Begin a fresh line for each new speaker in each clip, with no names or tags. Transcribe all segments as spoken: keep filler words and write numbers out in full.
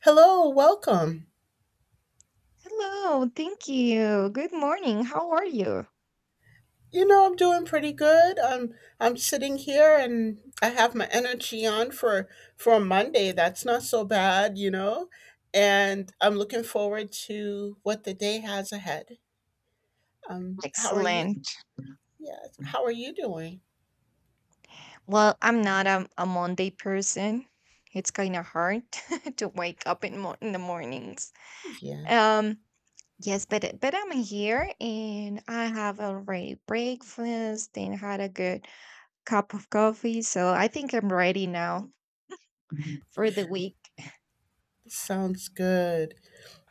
Hello, welcome.
Hello, thank you. Good morning. How are you?
You know, I'm doing pretty good. I'm I'm sitting here and I have my energy on for for a Monday. That's not so bad, you know. And I'm looking forward to what the day has ahead. Um, how are you?
Excellent.
Yeah, how are you doing?
Well, I'm not a, a Monday person. It's kind of hard to wake up in, mo- in the mornings.
Yeah,
Um, yes, but but I'm here and I have already breakfast and had a good cup of coffee, so I think I'm ready now for the week.
sounds good.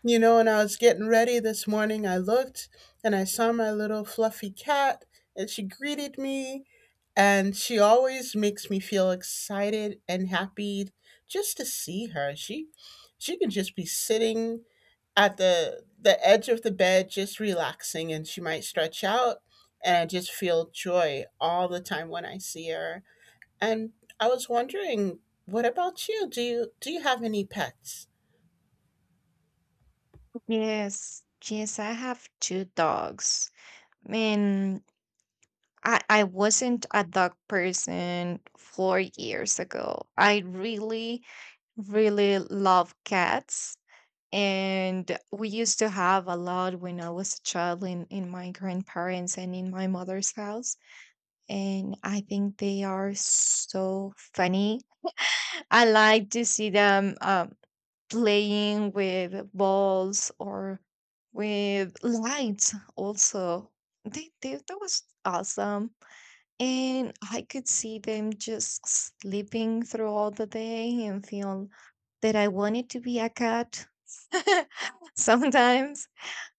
You know, when I was getting ready this morning, I looked and I saw my little fluffy cat and she greeted me. And she always makes me feel excited and happy just to see her. She she can just be sitting at the the edge of the bed just relaxing and she might stretch out and I just feel joy all the time when I see her. And I was wondering, what about you? Do you do you have any pets?
Yes, yes, I have two dogs. Man, I I wasn't a dog person four years ago. I really, really love cats. And we used to have a lot when I was a child in, in my grandparents and in my mother's house, and I think they are so funny. I like to see them um, playing with balls or with lights also. They, they that was awesome, and I could see them just sleeping through all the day and feel that I wanted to be a cat sometimes.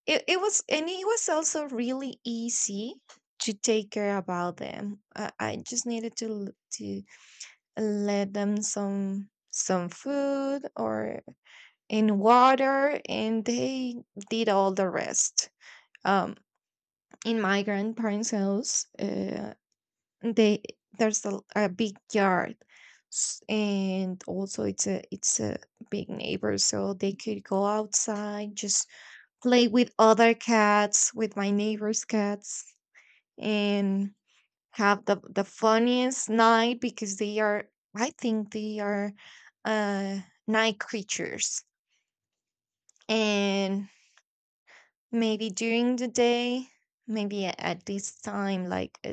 It, it was, and it was also really easy to take care about them. I, I just needed to l- to let them some some food or in water, and they did all the rest. Um, in my grandparents' house, uh, they there's a, a big yard, s- and also it's a it's a big neighbor, so they could go outside just play with other cats, with my neighbor's cats, and have the the funniest night because they are, I think they are, uh night creatures. And maybe during the day, maybe a- at this time, like uh,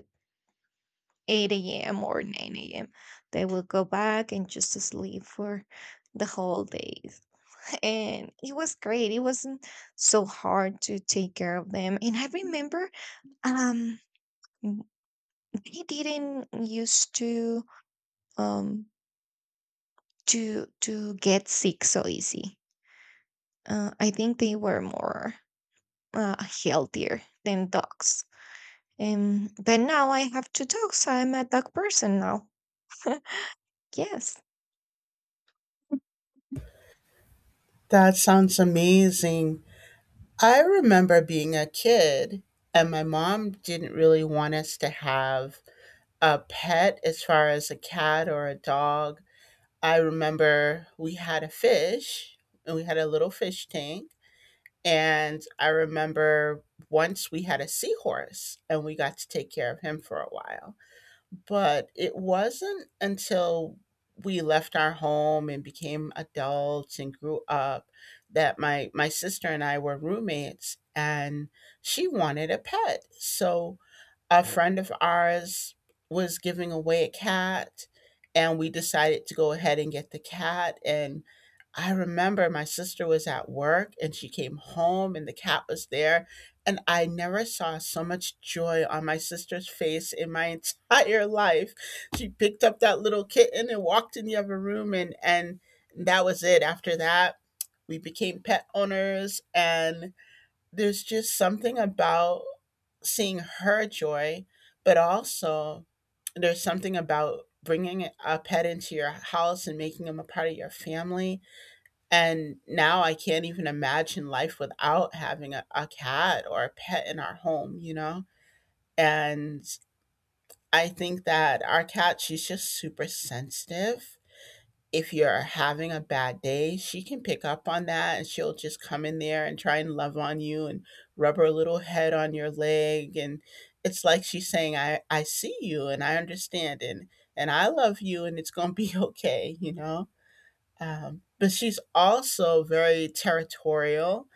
eight a m or nine a m, they will go back and just sleep for the whole days. And it was great. It wasn't so hard to take care of them. And I remember, um w- they didn't used to, um to to get sick so easy. Uh, I think they were more uh, healthier than dogs. Um, but now I have two dogs, so I'm a dog person now. Yes.
That sounds amazing. I remember being a kid, and my mom didn't really want us to have a pet as far as a cat or a dog. I remember we had a fish, and we had a little fish tank. And I remember once we had a seahorse, and we got to take care of him for a while. But it wasn't until we left our home and became adults and grew up that my my sister and I were roommates and she wanted a pet. So a friend of ours was giving away a cat and we decided to go ahead and get the cat, and I remember my sister was at work and she came home and the cat was there, and I never saw so much joy on my sister's face in my entire life. She picked up that little kitten and walked in the other room, and and that was it. After that, we became pet owners, and there's just something about seeing her joy, but also there's something about bringing a pet into your house and making them a part of your family. And now I can't even imagine life without having a, a cat or a pet in our home, you know? And I think that our cat, she's just super sensitive. If you're having a bad day, she can pick up on that and she'll just come in there and try and love on you and rub her little head on your leg. And it's like she's saying, I, I see you and I understand, and, and I love you and it's going to be okay," you know? Um, but she's also very territorial.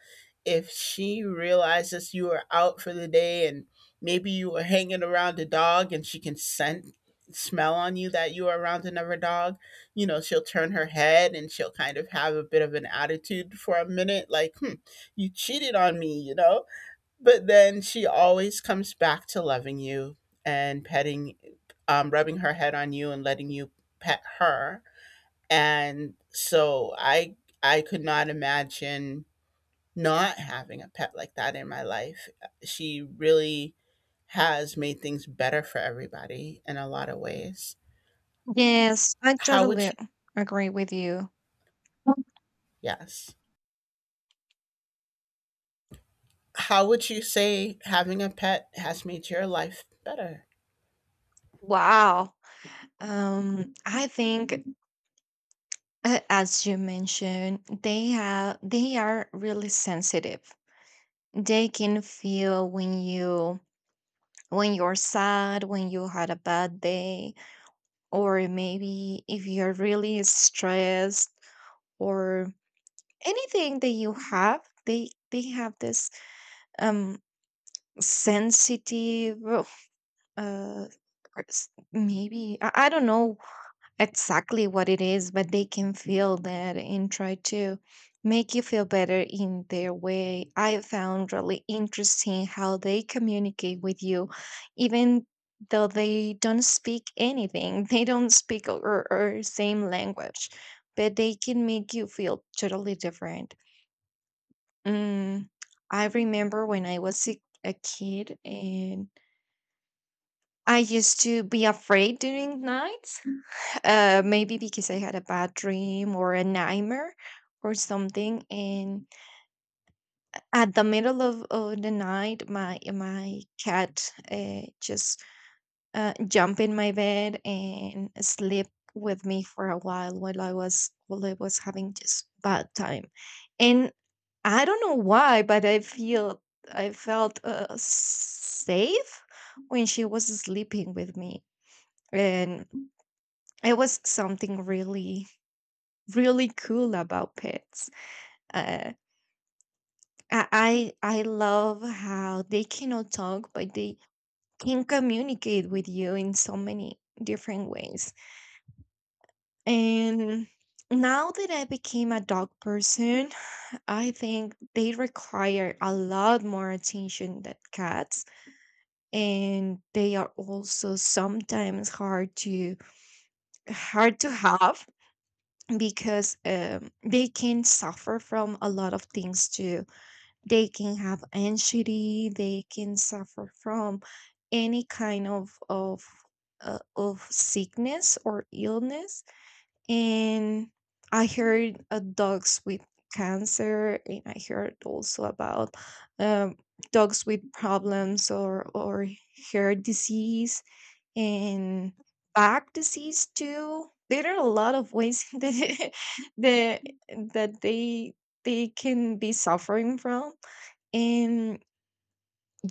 If she realizes you are out for the day and maybe you were hanging around a dog, and she can scent smell on you that you are around another dog, you know, she'll turn her head and she'll kind of have a bit of an attitude for a minute, like, hmm, you cheated on me, you know? But then she always comes back to loving you and petting, um, rubbing her head on you and letting you pet her. And so I I could not imagine not having a pet like that in my life. Uh, she really has made things better for everybody in a lot of ways.
Yes, I
How would
totally
you,
agree with you.
yes. How would you say having a pet has made your life better?
Wow. Um, I think, uh, as you mentioned, they have, they are really sensitive. They can feel when you, when you're sad, when you had a bad day, or maybe if you're really stressed or anything that you have. They they have this um sensitive, uh or s- maybe I, I don't know exactly what it is, but they can feel that and try to make you feel better in their way. I found really interesting how they communicate with you, even though they don't speak anything, they don't speak or, or same language, but they can make you feel totally different. Mm, I remember when I was a a kid and I used to be afraid during nights, uh, maybe because I had a bad dream or a nightmare or something. And at the middle of, of the night, my my cat uh, just uh, jumped in my bed and slept with me for a while while I was, while I was having just bad time. And I don't know why, but I feel I felt uh, safe when she was sleeping with me, and it was something really, really cool about pets. Uh, I I I love how they cannot talk, but they can communicate with you in so many different ways. And now that I became a dog person, I think they require a lot more attention than cats, and they are also sometimes hard to hard to have, because um, they can suffer from a lot of things too. They can have anxiety, they can suffer from any kind of of uh, of sickness or illness. And I heard uh, dogs with cancer, and I heard also about um, dogs with problems, or or hair disease and back disease too. There are a lot of ways that, that, that they they can be suffering from. And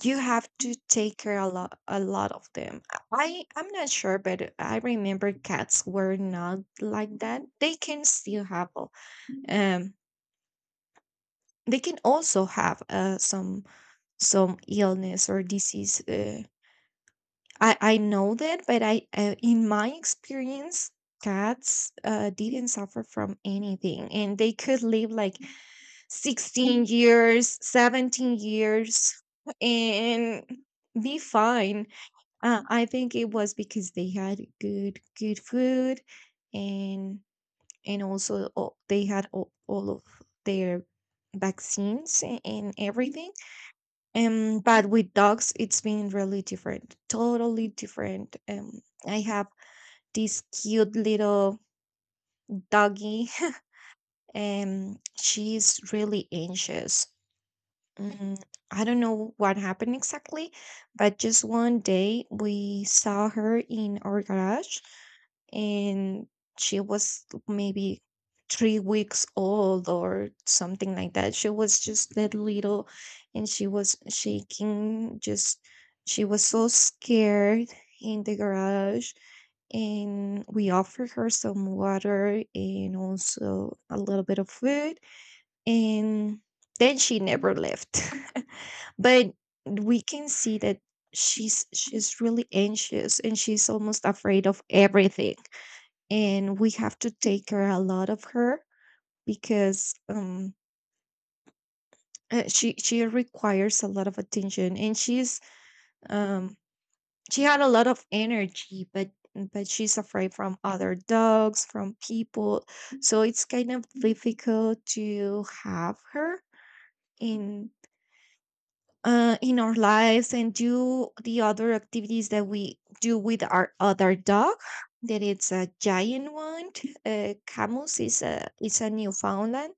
you have to take care a lot, a lot of them. I i'm not sure, but I remember cats were not like that. they can still have a- um they can also have uh, some some illness or disease. Uh, i i know that, but I uh, in my experience, cats uh, didn't suffer from anything and they could live like sixteen years, seventeen years, and be fine. Uh, I think it was because they had good good food, and and also all, they had all, all of their vaccines, a- and everything. Um, but with dogs, it's been really different, totally different. Um, I have this cute little doggy, and she's really anxious. Mm, I don't know what happened exactly, but just one day we saw her in our garage, and she was maybe three weeks old or something like that. She was just that little, and she was shaking. Just She was so scared in the garage, and we offered her some water and also a little bit of food, and then she never left. But we can see that she's she's really anxious and she's almost afraid of everything, and we have to take care a lot of her because um uh, she she requires a lot of attention, and she's, um she had a lot of energy, but but she's afraid from other dogs, from people. So it's kind of difficult to have her in, uh, in our lives, and do the other activities that we do with our other dog, that it's a giant one. Uh, Camus is a is a Newfoundland.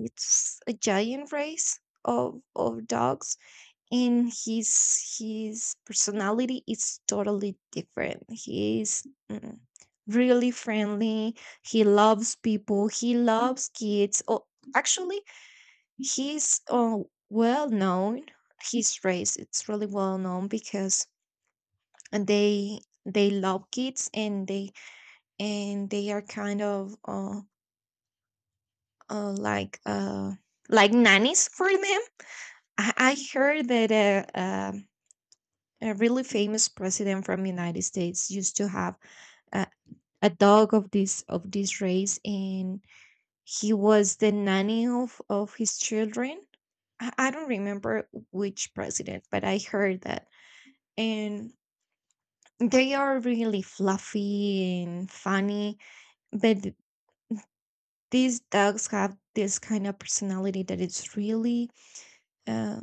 It's a giant race of of dogs, and his his personality is totally different. He is, mm, really friendly. He loves people. He loves kids. Oh, actually, he's uh, well known. His race, it's really well known because they they love kids, and they, and they are kind of uh, uh like uh like nannies for them. I I heard that a, um a really famous president from United States used to have a, a dog of this, of this race, and he was the nanny of of his children. I, I don't remember which president, but I heard that. And they are really fluffy and funny, but th- these dogs have this kind of personality that it's really uh,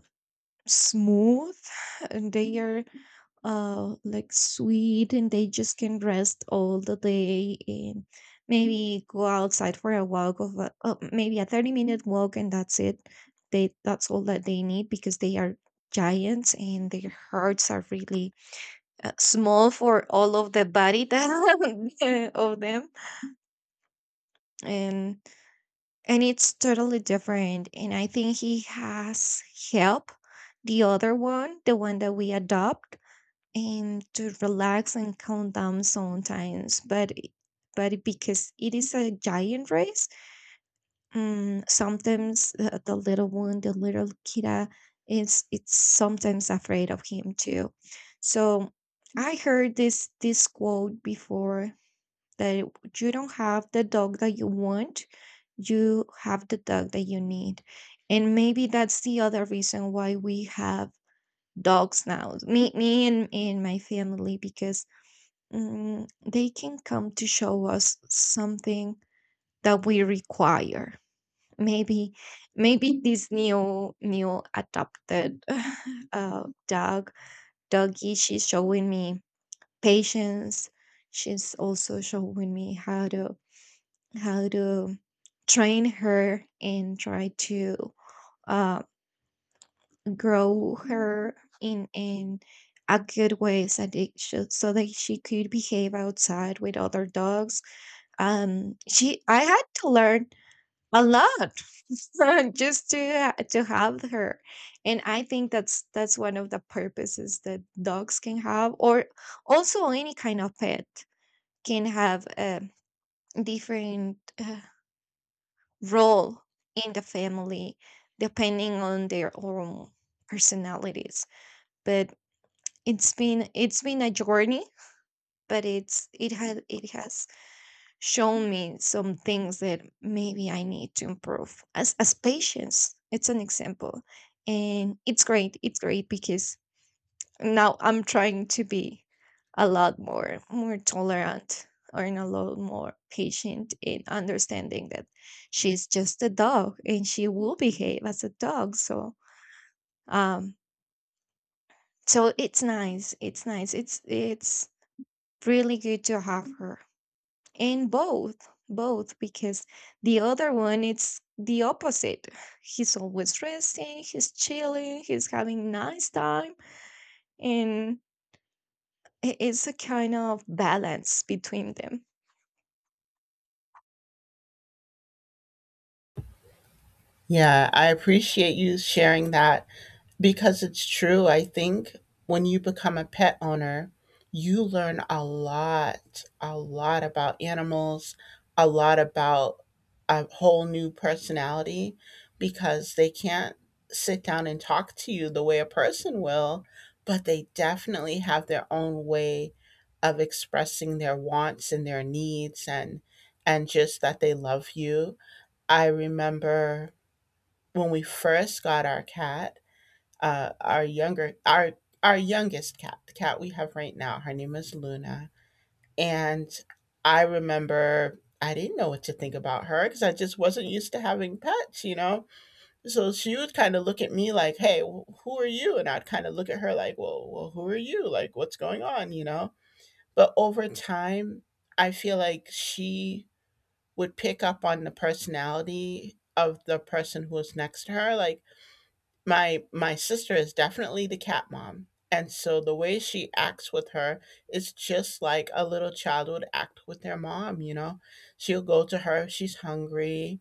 smooth. And they are uh like sweet, and they just can rest all the day, and maybe go outside for a walk of a, uh, maybe a thirty minute walk, and that's it. They, that's all that they need, because they are giants and their hearts are really uh, small for all of the body that of them. and and it's totally different, and I think he has help the other one, the one that we adopt, and to relax and calm down sometimes. But i- but because it is a giant race, um, sometimes uh, the little one, the little kidda is, it's sometimes afraid of him too. So I heard this this quote before that you don't have the dog that you want, you have the dog that you need. And maybe that's the other reason why we have dogs now, me me and, and my family, because, mm, they can come to show us something that we require. Maybe, maybe this new new adopted uh, dog doggy, she's showing me patience. She's also showing me how to, how to train her and try to uh, grow her in in a good way, so that, she, so that she could behave outside with other dogs. Um she, I had to learn a lot just to ha- to have her. And I think that's that's one of the purposes that dogs can have, or also any kind of pet can have a different uh, role in the family depending on their own personalities. But it's been, it's been a journey, but it's it had it has shown me some things that maybe I need to improve. As as patience, it's an example. And it's great. It's great, because now I'm trying to be a lot more more tolerant or in a lot more patient in understanding that she's just a dog and she will behave as a dog. So, um so it's nice. It's nice. It's it's really good to have her. And both, both because the other one, it's the opposite. He's always resting, he's chilling, he's having nice time. And i- it's a kind of balance between them.
Yeah, I appreciate you sharing that because it's true. I think when you become a pet owner, you learn a lot, a lot about animals, a lot about a whole new personality because they can't sit down and talk to you the way a person will, but they definitely have their own way of expressing their wants and their needs, and and just that they love you. I remember when we first got our cat, uh, our younger our our youngest cat, the cat we have right now, her name is Luna, and I remember I didn't know what to think about her because I just wasn't used to having pets, you know. So she would kind of look at me like, "Hey, wh- who are you?" And I'd kind of look at her like, "Well, well, who are you? Like, what's going on?" You know. But over time, I feel like she would pick up on the personality of the person who was next to her, like my my sister is definitely the cat mom, and so the way she acts with her is just like a little child would act with their mom, you know, she'll go to her if she's hungry,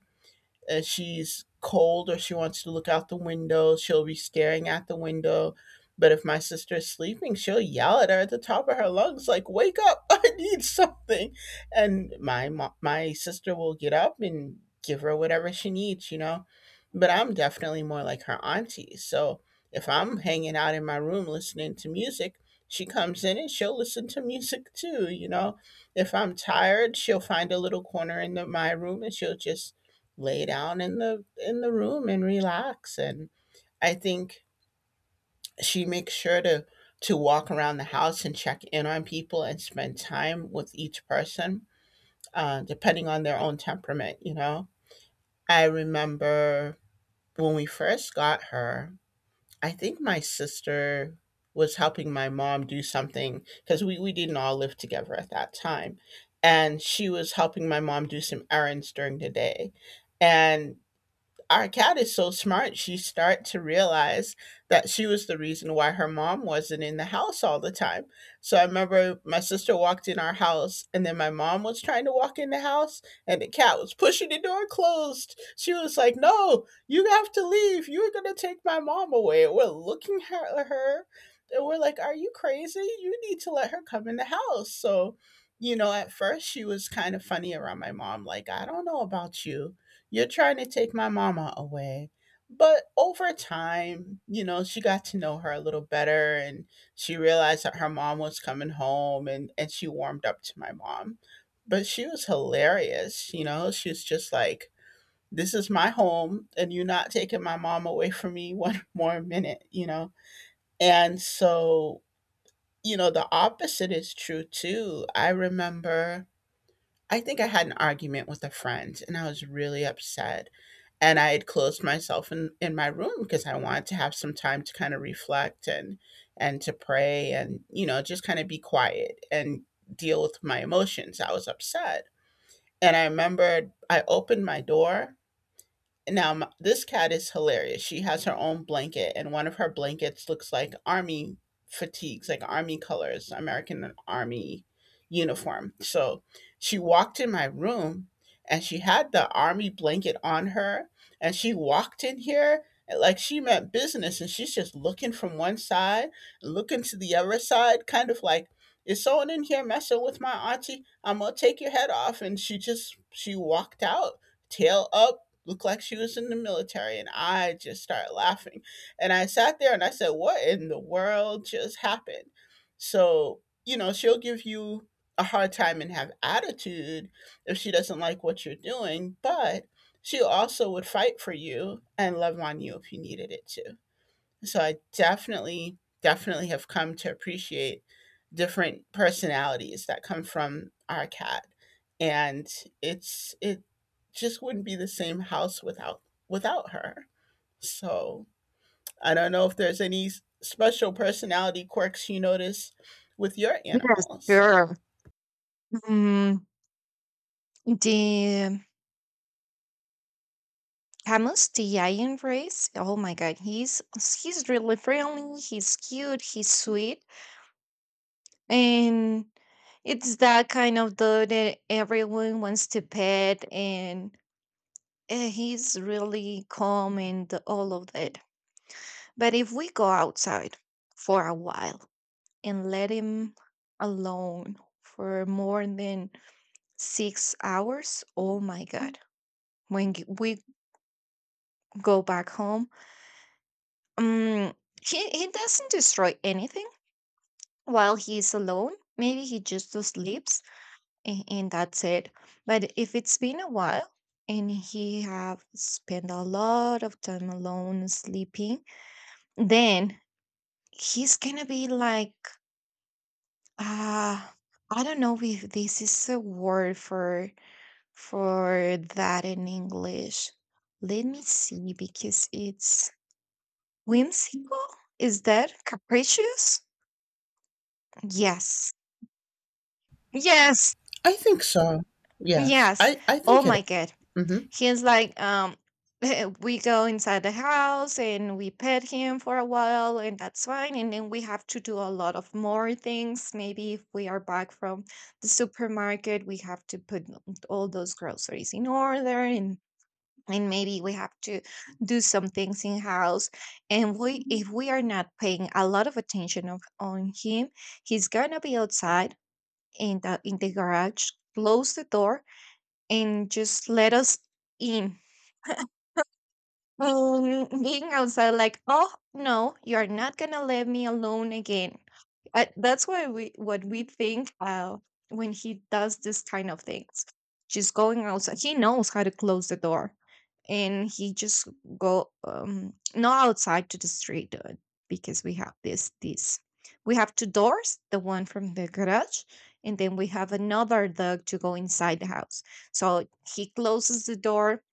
if she's cold, or she wants to look out the window, she'll be staring at the window. But if my sister is sleeping, she'll yell at her at the top of her lungs, like, "Wake up! I need something!" And my mo- my sister will get up and give her whatever she needs, you know. But I'm definitely more like her auntie. So if I'm hanging out in my room listening to music, she comes in and she'll listen to music too, you know. If I'm tired, she'll find a little corner in the, my room and she'll just lay down in the in the room and relax, and I think she makes sure to to walk around the house and check in on people and spend time with each person, uh, depending on their own temperament, you know. I remember when we first got her, I think my sister was helping my mom do something because we, we didn't all live together at that time, and she was helping my mom do some errands during the day, and our cat is so smart, she start to realize that she was the reason why her mom wasn't in the house all the time. So I remember my sister walked in our house and then my mom was trying to walk in the house and the cat was pushing the door closed. She was like, "No, you have to leave. You're gonna take my mom away." And we're looking at her and we're like, "Are you crazy? You need to let her come in the house." So you know, at first she was kind of funny around my mom, like, "I don't know about you, you're trying to take my mama away." But over time, you know, she got to know her a little better, and she realized that her mom was coming home, and, and she warmed up to my mom. But she was hilarious, you know, she was just like, "This is my home and you're not taking my mom away from me one more minute," you know? And so, you know, the opposite is true too. I remember I think I had an argument with a friend and I was really upset. And I had closed myself in, in my room because I wanted to have some time to kind of reflect and and to pray and, you know, just kind of be quiet and deal with my emotions. I was upset. And I remembered I opened my door. Now, m this cat is hilarious. She has her own blanket, and one of her blankets looks like army fatigues, like army colors, American Army uniform. So she walked in my room and she had the army blanket on her, and she walked in here like she meant business, and she's just looking from one side, looking to the other side, kind of like, "Is someone in here messing with my auntie? I'm gonna take your head off." And she just she walked out, tail up, looked like she was in the military, and I just started laughing and I sat there and I said, "What in the world just happened?" So you know, she'll give you a hard time and have attitude if she doesn't like what you're doing, but she also would fight for you and love on you if you needed it to. So I definitely, definitely have come to appreciate different personalities that come from our cat. And it's it just wouldn't be the same house without without her. So I don't know if there's any s- special personality quirks you notice with your
Yes,
animals.
sure. Mm, the Camus, the Iron Race. Oh my God, he's he's really friendly. He's cute. He's sweet, and it's that kind of dog that everyone wants to pet. And uh, he's really calm and all of that, but if we go outside for a while and let him alone for more than six hours, oh my god, when g- we go back home, um he, he doesn't destroy anything while he's alone. Maybe he just sleeps, a- and that's it. But if it's been a while and he have spent a lot of time alone sleeping, then he's gonna be like, ah, I don't know if this is a word for for that in English. Let me see, because it's whimsical. Is that capricious? Yes. Yes.
I think so. Yes.
Yes.
I, I
Oh
think it
my god.
is. Mhm.
He's like, um, we go inside the house and we pet him for a while, and that's fine. And then we have to do a lot of more things. Maybe if we are back from the supermarket, we have to put all those groceries in order, and and maybe we have to do some things in house. And we if we are not paying a lot of attention of, on him, he's gonna be outside in the in the garage, close the door and just let us in, um, being outside, like, oh no, you're not gonna let me alone again. Uh, that's why we what we think, uh, when he does this kind of things. She's going outside. He knows how to close the door, and he just go, um not outside to the street, uh, because we have this this we have two doors, the one from the garage, and then we have another dog to go inside the house. So he closes the door,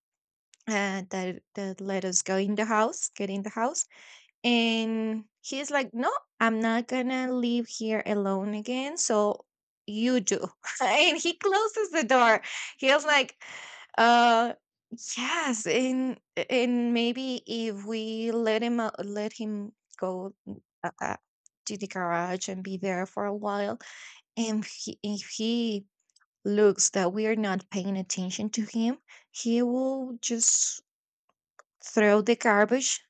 uh, that that let us go in the house, get in the house. And he's like, "No, I'm not gonna leave here alone again." So you do, and he closes the door. He was like, "Uh, yes." And and maybe if we let him out- let him go, mm, uh, uh, to the garage and be there for a while. And he, if he looks that we are not paying attention to him, he will just throw the garbage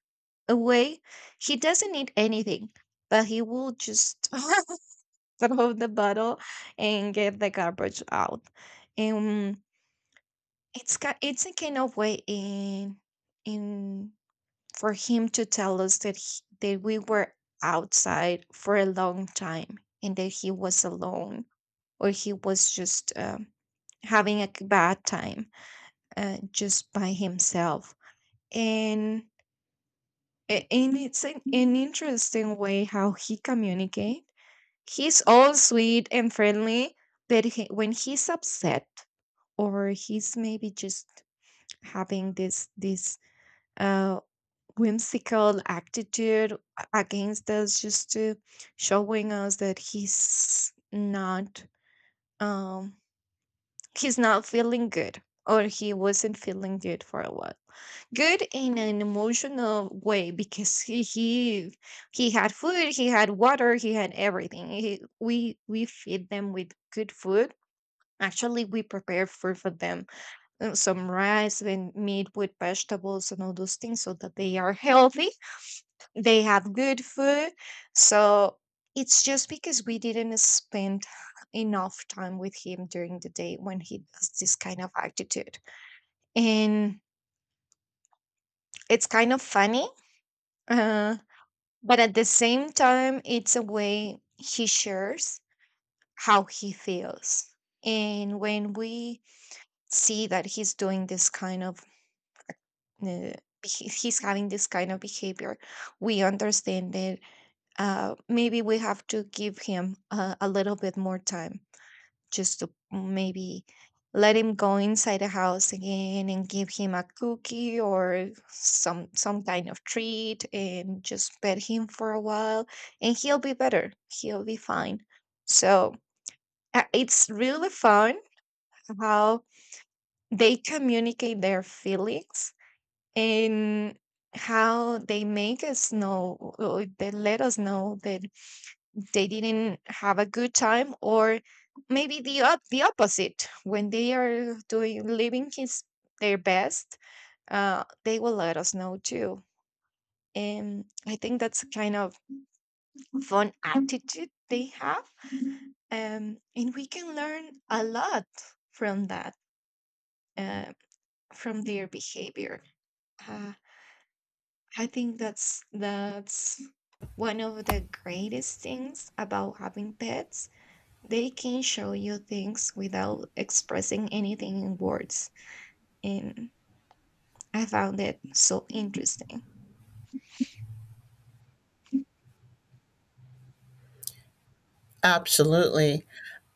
away. He doesn't need anything, but he will just throw the bottle and get the garbage out. And it's ki- it's a kind of way in in for him to tell us that he, that we were outside for a long time and that he was alone, or he was just, um, having a k- bad time, uh, just by himself. And A- and it's an, an interesting way how he communicate. He's all sweet and friendly, but he, when he's upset or he's maybe just having this this uh whimsical attitude against us, just to showing us that he's not, um he's not feeling good, or he wasn't feeling good for a while. Good in an emotional way, because he he, he had food, he had water, he had everything. He, we we feed them with good food. Actually, we prepare food for them, uh, some rice and meat with vegetables and all those things, so that they are healthy. They have good food. So it's just because we didn't spend enough time with him during the day, when he does this kind of attitude. And it's kind of funny, uh, but at the same time, it's a way he shares how he feels. And when we see that he's doing this kind of, uh, he- he's having this kind of behavior, we understand that, uh, maybe we have to give him uh, a little bit more time, just to maybe let him go inside the house again and give him a cookie or some some kind of treat, and just pet him for a while, and he'll be better, he'll be fine. So uh, it's really fun how they communicate their feelings, and how they make us know, or they let us know that they didn't have a good time, or maybe the op- the opposite, when they are doing living his their best, uh, they will let us know too. And I think that's a kind of fun attitude they have. um, and we can learn a lot from that, uh, from their behavior. uh, I think that's that's one of the greatest things about having pets. They can show you things without expressing anything in words. And I found that so interesting.
Absolutely.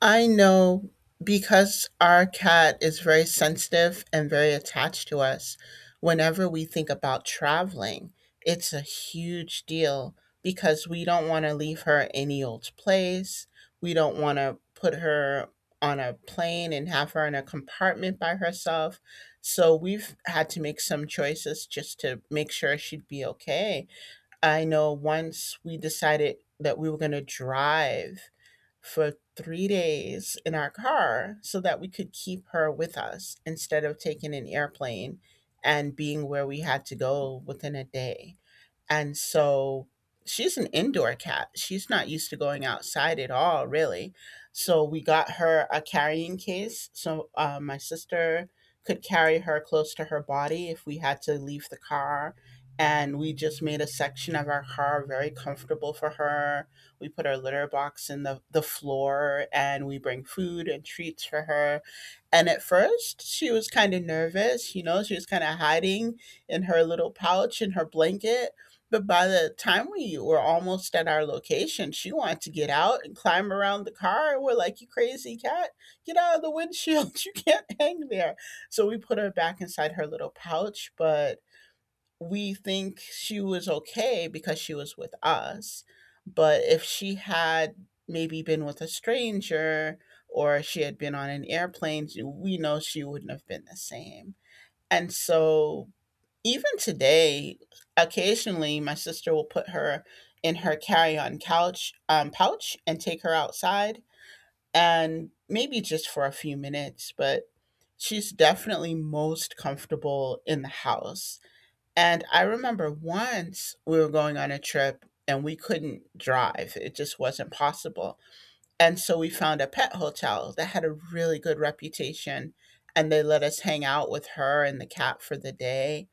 I know because our cat is very sensitive and very attached to us, whenever we think about traveling, it's a huge deal because we don't want to leave her any old place. We don't want to put her on a plane and have her in a compartment by herself. So we've had to make some choices just to make sure she'd be okay. I know once we decided that we were going to drive for three days in our car so that we could keep her with us instead of taking an airplane and being where we had to go within a day. And so she's an indoor cat. She's not used to going outside at all, really. So we got her a carrying case. So uh, my sister could carry her close to her body if we had to leave the car. And we just made a section of our car very comfortable for her. We put our litter box in the, the floor and we bring food and treats for her. And at first, she was kind of nervous, you know, she was kind of hiding in her little pouch in her blanket, but by the time we were almost at our location, she wanted to get out and climb around the car. And we're like, "You crazy cat, get out of the windshield. You can't hang there." So we put her back inside her little pouch, but we think she was okay because she was with us. But if she had maybe been with a stranger or she had been on an airplane, we know she wouldn't have been the same. And so even today, occasionally my sister will put her in her carry-on couch um, pouch and take her outside and maybe just for a few minutes, but she's definitely most comfortable in the house. And I remember once we were going on a trip and we couldn't drive. It just wasn't possible. And so we found a pet hotel that had a really good reputation and they let us hang out with her and the cat for the day,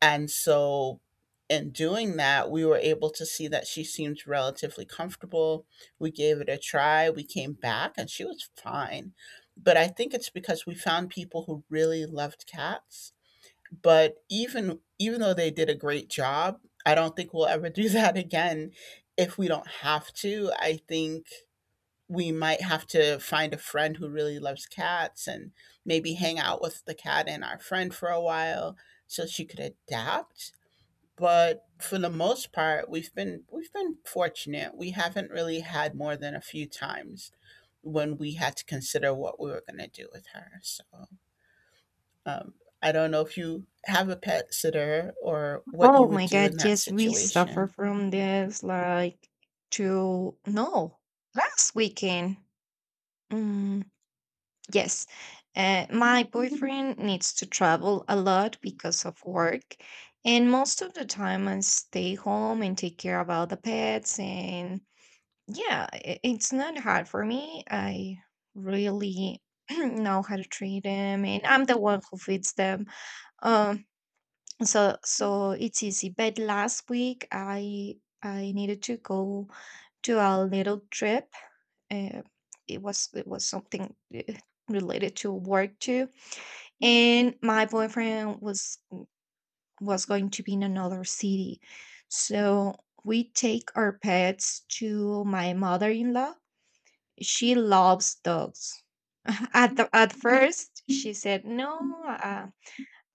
and so, in doing that, we were able to see that she seemed relatively comfortable. We gave it a try. We came back and she was fine. But I think it's because we found people who really loved cats. But even even though they did a great job, I don't think we'll ever do that again if we don't have to. I think we might have to find a friend who really loves cats and maybe hang out with the cat and our friend for a while so she could adapt, but for the most part we've been we've been fortunate, we haven't really had more than a few times when we had to consider what we were going to do with her. So um, I don't know if you have a pet sitter or what you
Oh
would
my
do in
God,
that
yes, we suffer
situation.
from this like to no last weekend. Mm, yes, uh, my boyfriend needs to travel a lot because of work, and most of the time I stay home and take care about the pets. And yeah, I it's not hard for me. I really know how to treat them, and I'm the one who feeds them. Um, so so it's easy. But last week I I needed to go to a little trip. Uh, it was it was something, uh, related to work too, and my boyfriend was was going to be in another city, so we take our pets to my mother-in-law. She loves dogs. At the, at first, she said, "No, uh,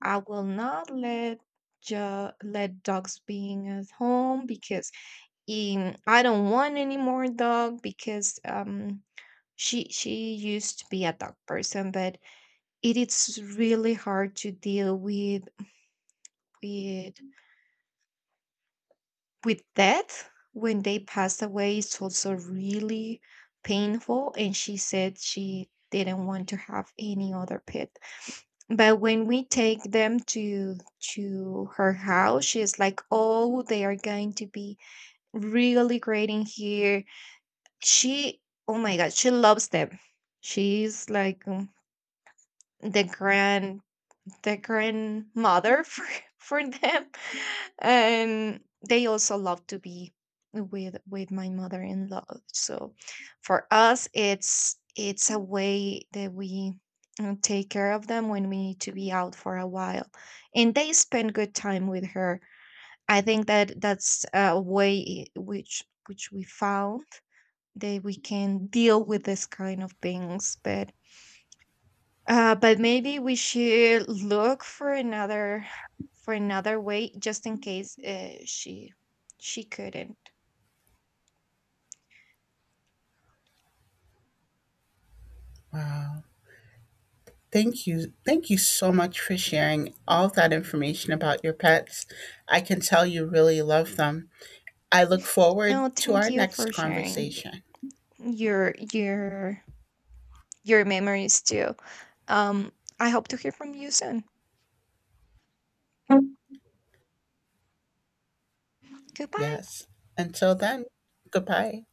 I will not let ju- let dogs being at home because, um, I don't want any more dog because um she she used to be a dog person, but it is really hard to deal with with with death. When they passed away, it's also really painful." And she said she didn't want to have any other pet, but when we take them to to her house, she's like, "Oh, they are going to be really great in here." She, oh my god, she loves them. She's like, um, the grand the grandmother for, for them. And they also love to be with with my mother-in-law. So for us, it's it's a way that we, uh, take care of them when we need to be out for a while, and they spend good time with her. I think that that's a way which which we found that we can deal with this kind of things. But uh, but maybe we should look for another, for another way, just in case, uh, she she couldn't.
Thank you, thank you so much for sharing all that information about your pets. I can tell you really love them. I look forward
No,
to
thank
our
you for
next
sharing
conversation.
your your your memories too. Um, I hope to hear from you soon. Goodbye.
Yes, until then, goodbye.